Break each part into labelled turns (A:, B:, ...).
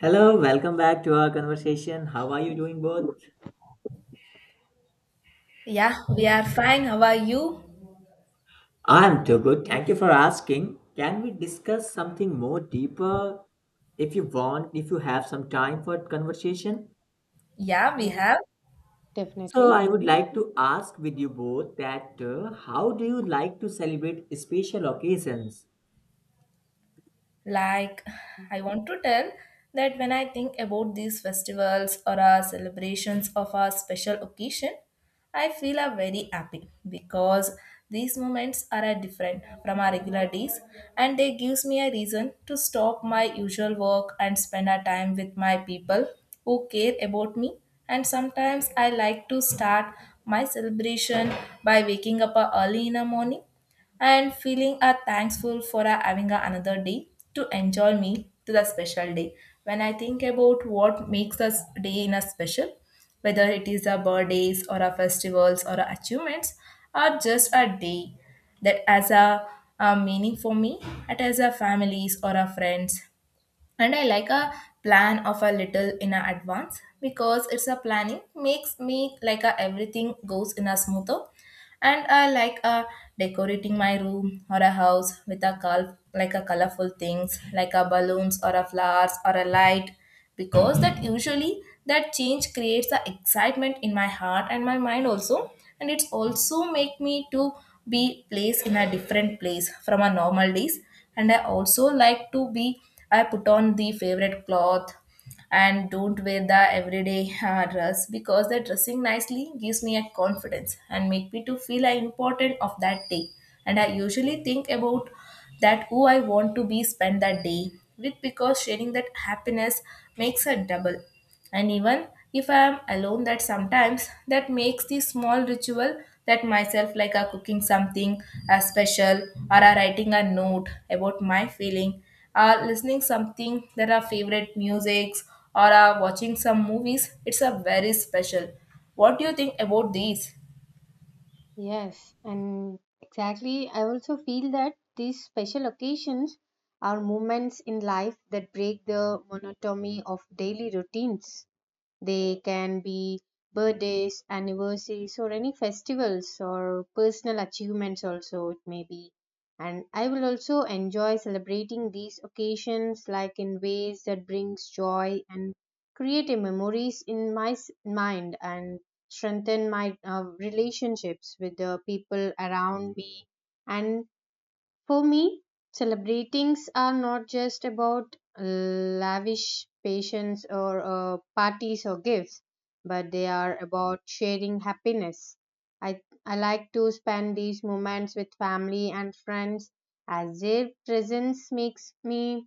A: Hello, welcome back to our conversation. How are you doing both?
B: Yeah, we are fine. How are you?
A: I'm too
C: Yeah,
A: good. Thank you for asking. Can we discuss something more deeper if you want, if you have some time for conversation?
B: Yeah, we
C: yeah,
B: have.
A: So,
C: definitely.
A: I would like to ask with you both that how do you like to celebrate special occasions?
B: Like,
C: Mm.
B: I want to tell that when I think about these festivals or our celebrations of our special occasion, I feel are very happy because these moments are a different from our regular days, and they gives me a reason to stop my usual work and spend a time with my people who care about me. And sometimes I like to start my celebration by waking up early in the morning and feeling are thankful for having a another day to enjoy me to the special day. When I think about what makes us day in a special, whether it is our birthdays or our festivals or our achievements, or just a day that has a meaning for me, it has a families or our friends. And I like a plan of a little in a advance because it's a planning makes me like a everything goes in a smoother. And I like decorating my room or a house with like a colorful things like a balloons or a flowers or a light because that usually that change creates the excitement in my heart and my mind also. And it's also make me to be placed in a different place from a normal days. And I also like to be, I put on the favorite cloth and don't wear the everyday dress because the dressing nicely gives me a confidence and make me to feel important of that day. And I usually think about that who I want to be spend that day with, because sharing that happiness makes a double. And even if I am alone that sometimes, that makes the small ritual that myself, like a cooking something a special, or a writing a note about my feeling, or listening something that are favorite musics, or are watching some movies. It's a very special. What do you think about these?
C: Yes, and exactly. I also feel that these special occasions are moments in life that break the monotony of daily routines. They can be birthdays, anniversaries, or any festivals or personal achievements, also, it may be. And I will also enjoy celebrating these occasions like in ways that brings joy and create a memories in my mind and strengthen my relationships with the people around me and for me, celebrations are not just about lavish patience or parties or gifts, but they are about sharing happiness. I like to spend these moments with family and friends as their presence makes me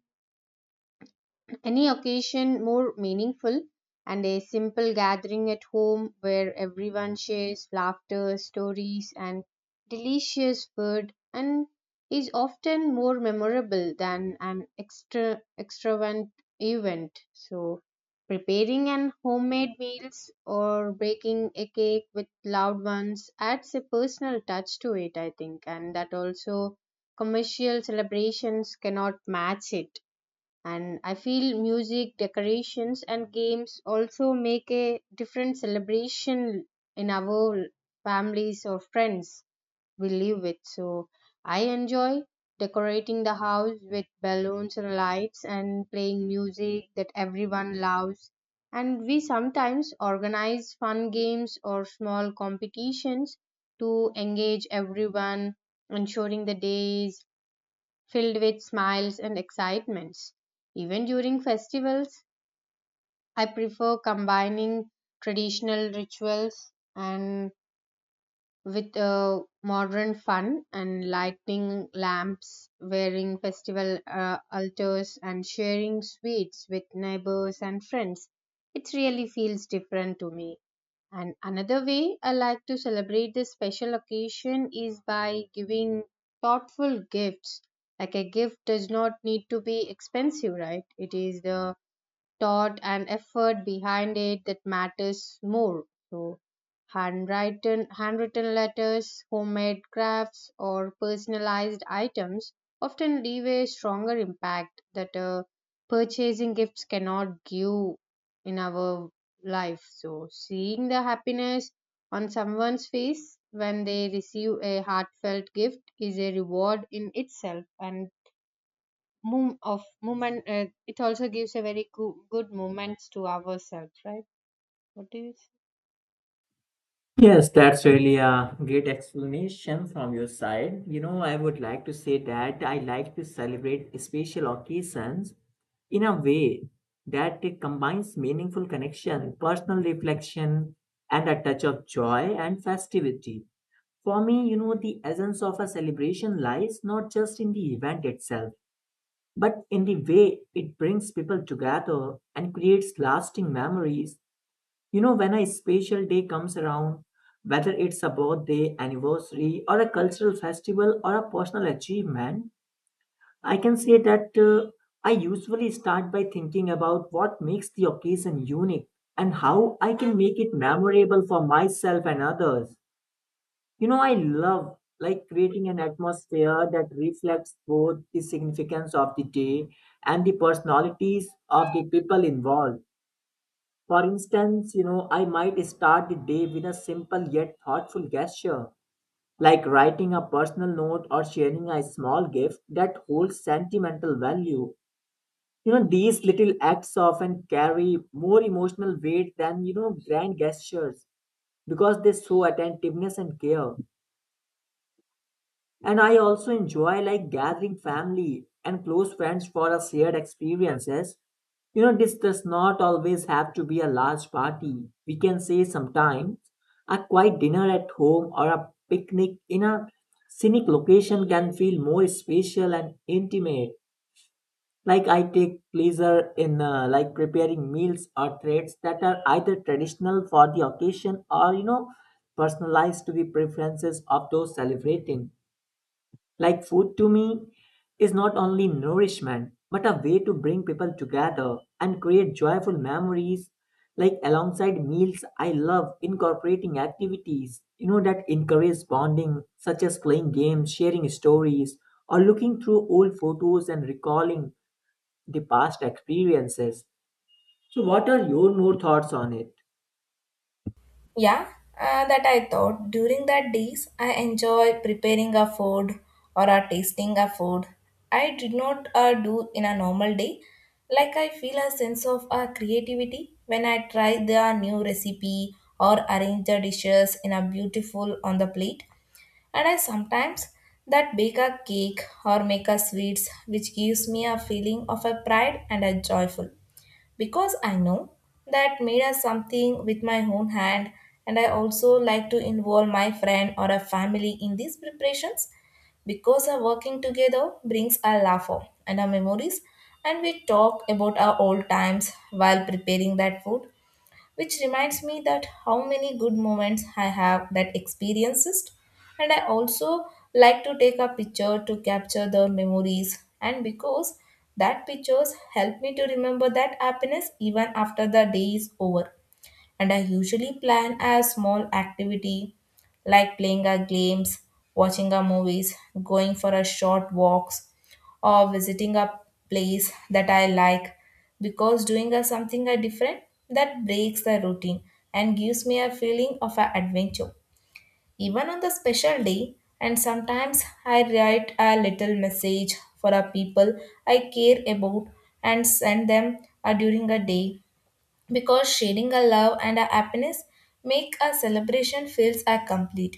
C: any occasion more meaningful and a simple gathering at home where everyone shares laughter, stories, and delicious food and is often more memorable than an extravagant event. So preparing an homemade meals or baking a cake with loved ones adds a personal touch to it, I think, and that also commercial celebrations cannot match it and I feel music decorations and games also make a different celebration in our families or friends we live with so I enjoy decorating the house with balloons and lights and playing music that everyone loves and we sometimes organize fun games or small competitions to engage everyone ensuring the day is filled with smiles and excitements. Even during festivals, I prefer combining traditional rituals and with modern fun and lighting lamps, wearing festival altars, and sharing sweets with neighbors and friends. It really feels different to me. And another way I like to celebrate this special occasion is by giving thoughtful gifts. Like a gift does not need to be expensive, right? It is the thought and effort behind it that matters more. So, handwritten letters, homemade crafts, or personalized items often leave a stronger impact that purchasing gifts cannot give in our life. So, seeing the happiness on someone's face when they receive a heartfelt gift is a reward in itself and move of movement it also gives a very good movements to ourselves, right? What do you say?
A: Yes, that's really a great explanation from your side. You know, I would like to say that I like to celebrate special occasions in a way that it combines meaningful connection, personal reflection, and a touch of joy and festivity. For me, you know, the essence of a celebration lies not just in the event itself, but in the way it brings people together and creates lasting memories. You know, when a special day comes around, whether it's a birthday, anniversary, or a cultural festival, or a personal achievement, I can say that I usually start by thinking about what makes the occasion unique and how I can make it memorable for myself and others. You know, I love like creating an atmosphere that reflects both the significance of the day and the personalities of the people involved. For instance, you know, I might start the day with a simple yet thoughtful gesture, like writing a personal note or sharing a small gift that holds sentimental value. You know, these little acts often carry more emotional weight than, you know, grand gestures because they show attentiveness and care. And I also enjoy like gathering family and close friends for a shared experiences. You know, this does not always have to be a large party. We can say sometimes a quiet dinner at home or a picnic in a scenic location can feel more special and intimate. Like I take pleasure in like preparing meals or treats that are either traditional for the occasion or you know personalized to the preferences of those celebrating. Like food to me is not only nourishment, but a way to bring people together and create joyful memories. Like alongside meals, I love incorporating activities, you know, that encourage bonding, such as playing games, sharing stories, or looking through old photos and recalling the past experiences. So, what are your more thoughts on it?
B: Yeah, that I thought. During that days, I enjoy preparing a food or a tasting a food. I did not do in a normal day. Like, I feel a sense of creativity when I try the new recipe or arrange the dishes in a beautiful on the plate. And I sometimes that bake a cake or make a sweets, which gives me a feeling of a pride and a joyful because I know that made us something with my own hand. And I also like to involve my friend or a family in these preparations because our working together brings our laughter and our memories. And we talk about our old times while preparing that food, which reminds me that how many good moments I have that experiences. And I also like to take a picture to capture the memories, and because that pictures help me to remember that happiness even after the day is over. And I usually plan a small activity like playing a games, watching a movies, going for a short walks, or visiting a place that I like, because doing a something a different that breaks the routine and gives me a feeling of an adventure even on the special day. And sometimes I write a little message for a people I care about and send them during a day because sharing our love and our happiness make our celebration feels are complete.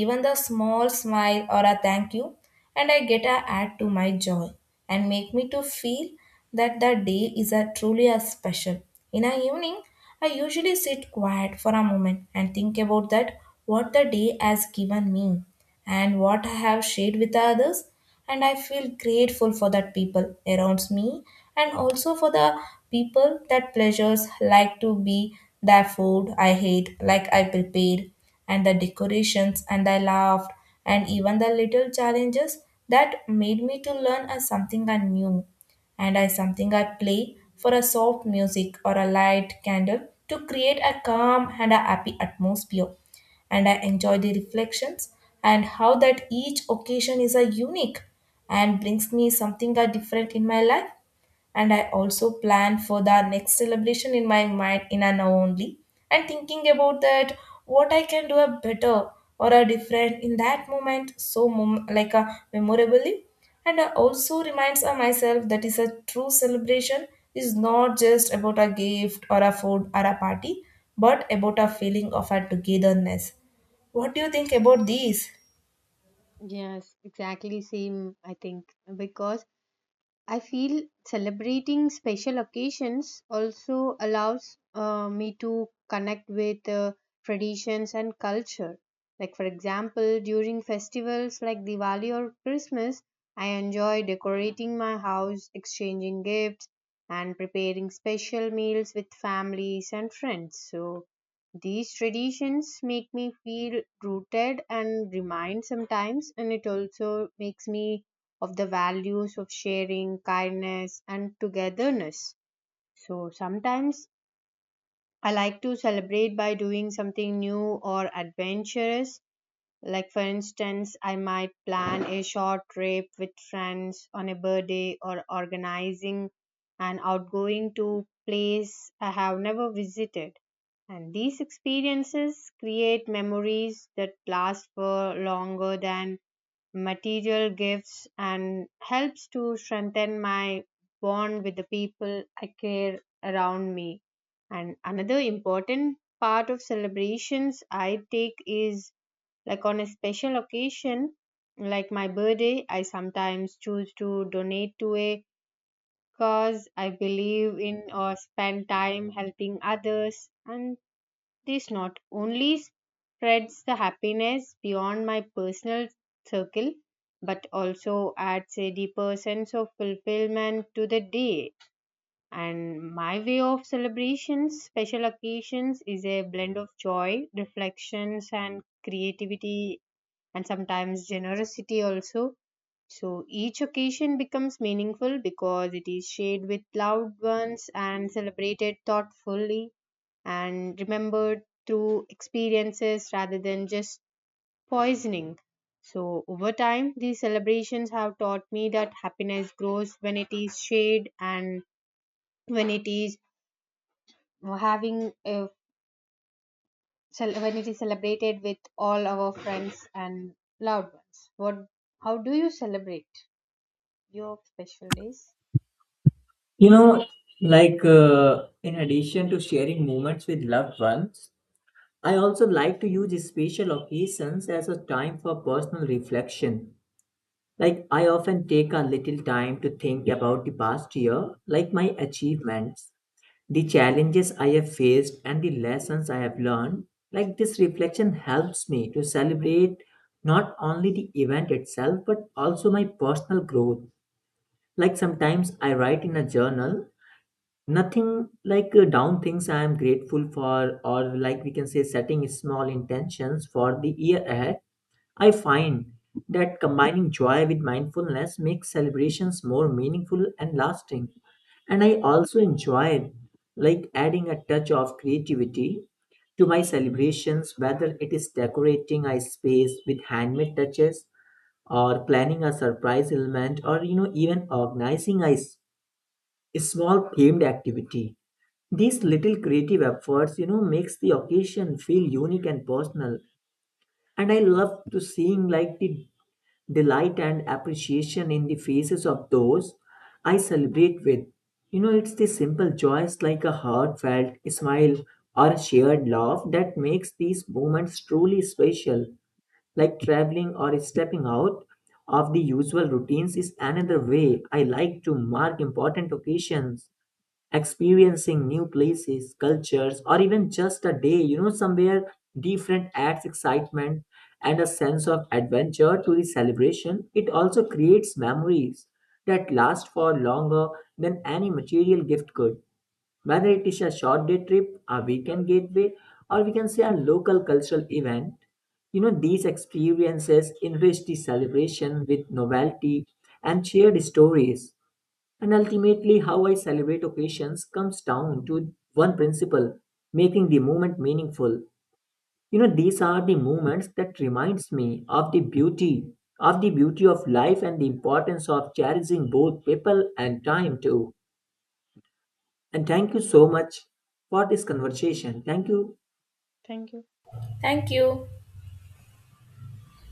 B: Even the small smile or a thank you, and I get a add to my joy and make me to feel that the day is a truly a special. In a evening, I usually sit quiet for a moment and think about that what the day has given me and what I have shared with the others. And I feel grateful for that people around me, and also for the people that pleasures like to be the food I hate, like I prepared, and the decorations and I laughed, and even the little challenges that made me to learn as something I knew. And I something I play for a soft music or a light candle to create a calm and a happy atmosphere. And I enjoy the reflections and how that each occasion is a unique and brings me something different in my life. And I also plan for the next celebration in my mind in an only, and thinking about that what I can do a better or a different in that moment, so like a memorably. And I also reminds of myself that is a true celebration is not just about a gift or a food or a party, but about a feeling of a togetherness. What do you think about these?
C: Yes, exactly same I think because I feel celebrating special occasions also allows me to connect with traditions and culture. Like, for example, during festivals like Diwali or Christmas, I enjoy decorating my house, exchanging gifts, and preparing special meals with families and friends. So, these traditions make me feel rooted and remind sometimes, and it also makes me of the values of sharing, kindness, and togetherness. So sometimes I like to celebrate by doing something new or adventurous. Like, for instance, I might plan a short trip with friends on a birthday or organizing an outgoing to place I have never visited. And these experiences create memories that last for longer than material gifts and helps to strengthen my bond with the people I care around me. And another important part of celebrations I take is like on a special occasion, like my birthday, I sometimes choose to donate to a cause I believe in or spend time helping others. And this not only spreads the happiness beyond my personal circle, but also adds a deeper sense of fulfillment to the day. And my way of celebrations, special occasions, is a blend of joy, reflections, and creativity, and sometimes generosity also. So each occasion becomes meaningful because it is shared with loved ones and celebrated thoughtfully and remembered through experiences rather than just poisoning. So, over time, these celebrations have taught me that happiness grows when it is shared and when it is having a when it is celebrated with all our friends and loved ones. What? How do you celebrate your special days?
A: You know, like in addition to sharing moments with loved ones, I also like to use special occasions as a time for personal reflection. Like, I often take a little time to think about the past year, like my achievements, the challenges I have faced, and the lessons I have learned. Like, this reflection helps me to celebrate not only the event itself, but also my personal growth. Like, sometimes I write in a journal nothing like down things I am grateful for, or like we can say setting small intentions for the year ahead. I find that combining joy with mindfulness makes celebrations more meaningful and lasting. And I also enjoyed like adding a touch of creativity to my celebrations, whether it is decorating a space with handmade touches or planning a surprise element, or you know, even organizing a small themed activity. These little creative efforts, you know, makes the occasion feel unique and personal. And I love to seeing like the delight and appreciation in the faces of those I celebrate with. You know, it's the simple joys like a heartfelt smile or a shared laugh that makes these moments truly special. Like traveling or stepping out of the usual routines is another way I like to mark important occasions, experiencing new places, cultures, or even just a day, you know, somewhere different adds excitement and a sense of adventure to the celebration. It also creates memories that last for longer than any material gift could. Whether it is a short day trip, a weekend gateway, or we can say a local cultural event, you know, these experiences enrich the celebration with novelty and shared stories. And ultimately, how I celebrate occasions comes down to one principle, making the moment meaningful. You know, these are the moments that reminds me of the beauty of life and the importance of cherishing both people and time too. And thank you so much for this conversation. Thank you.
C: Thank you.
B: Thank you.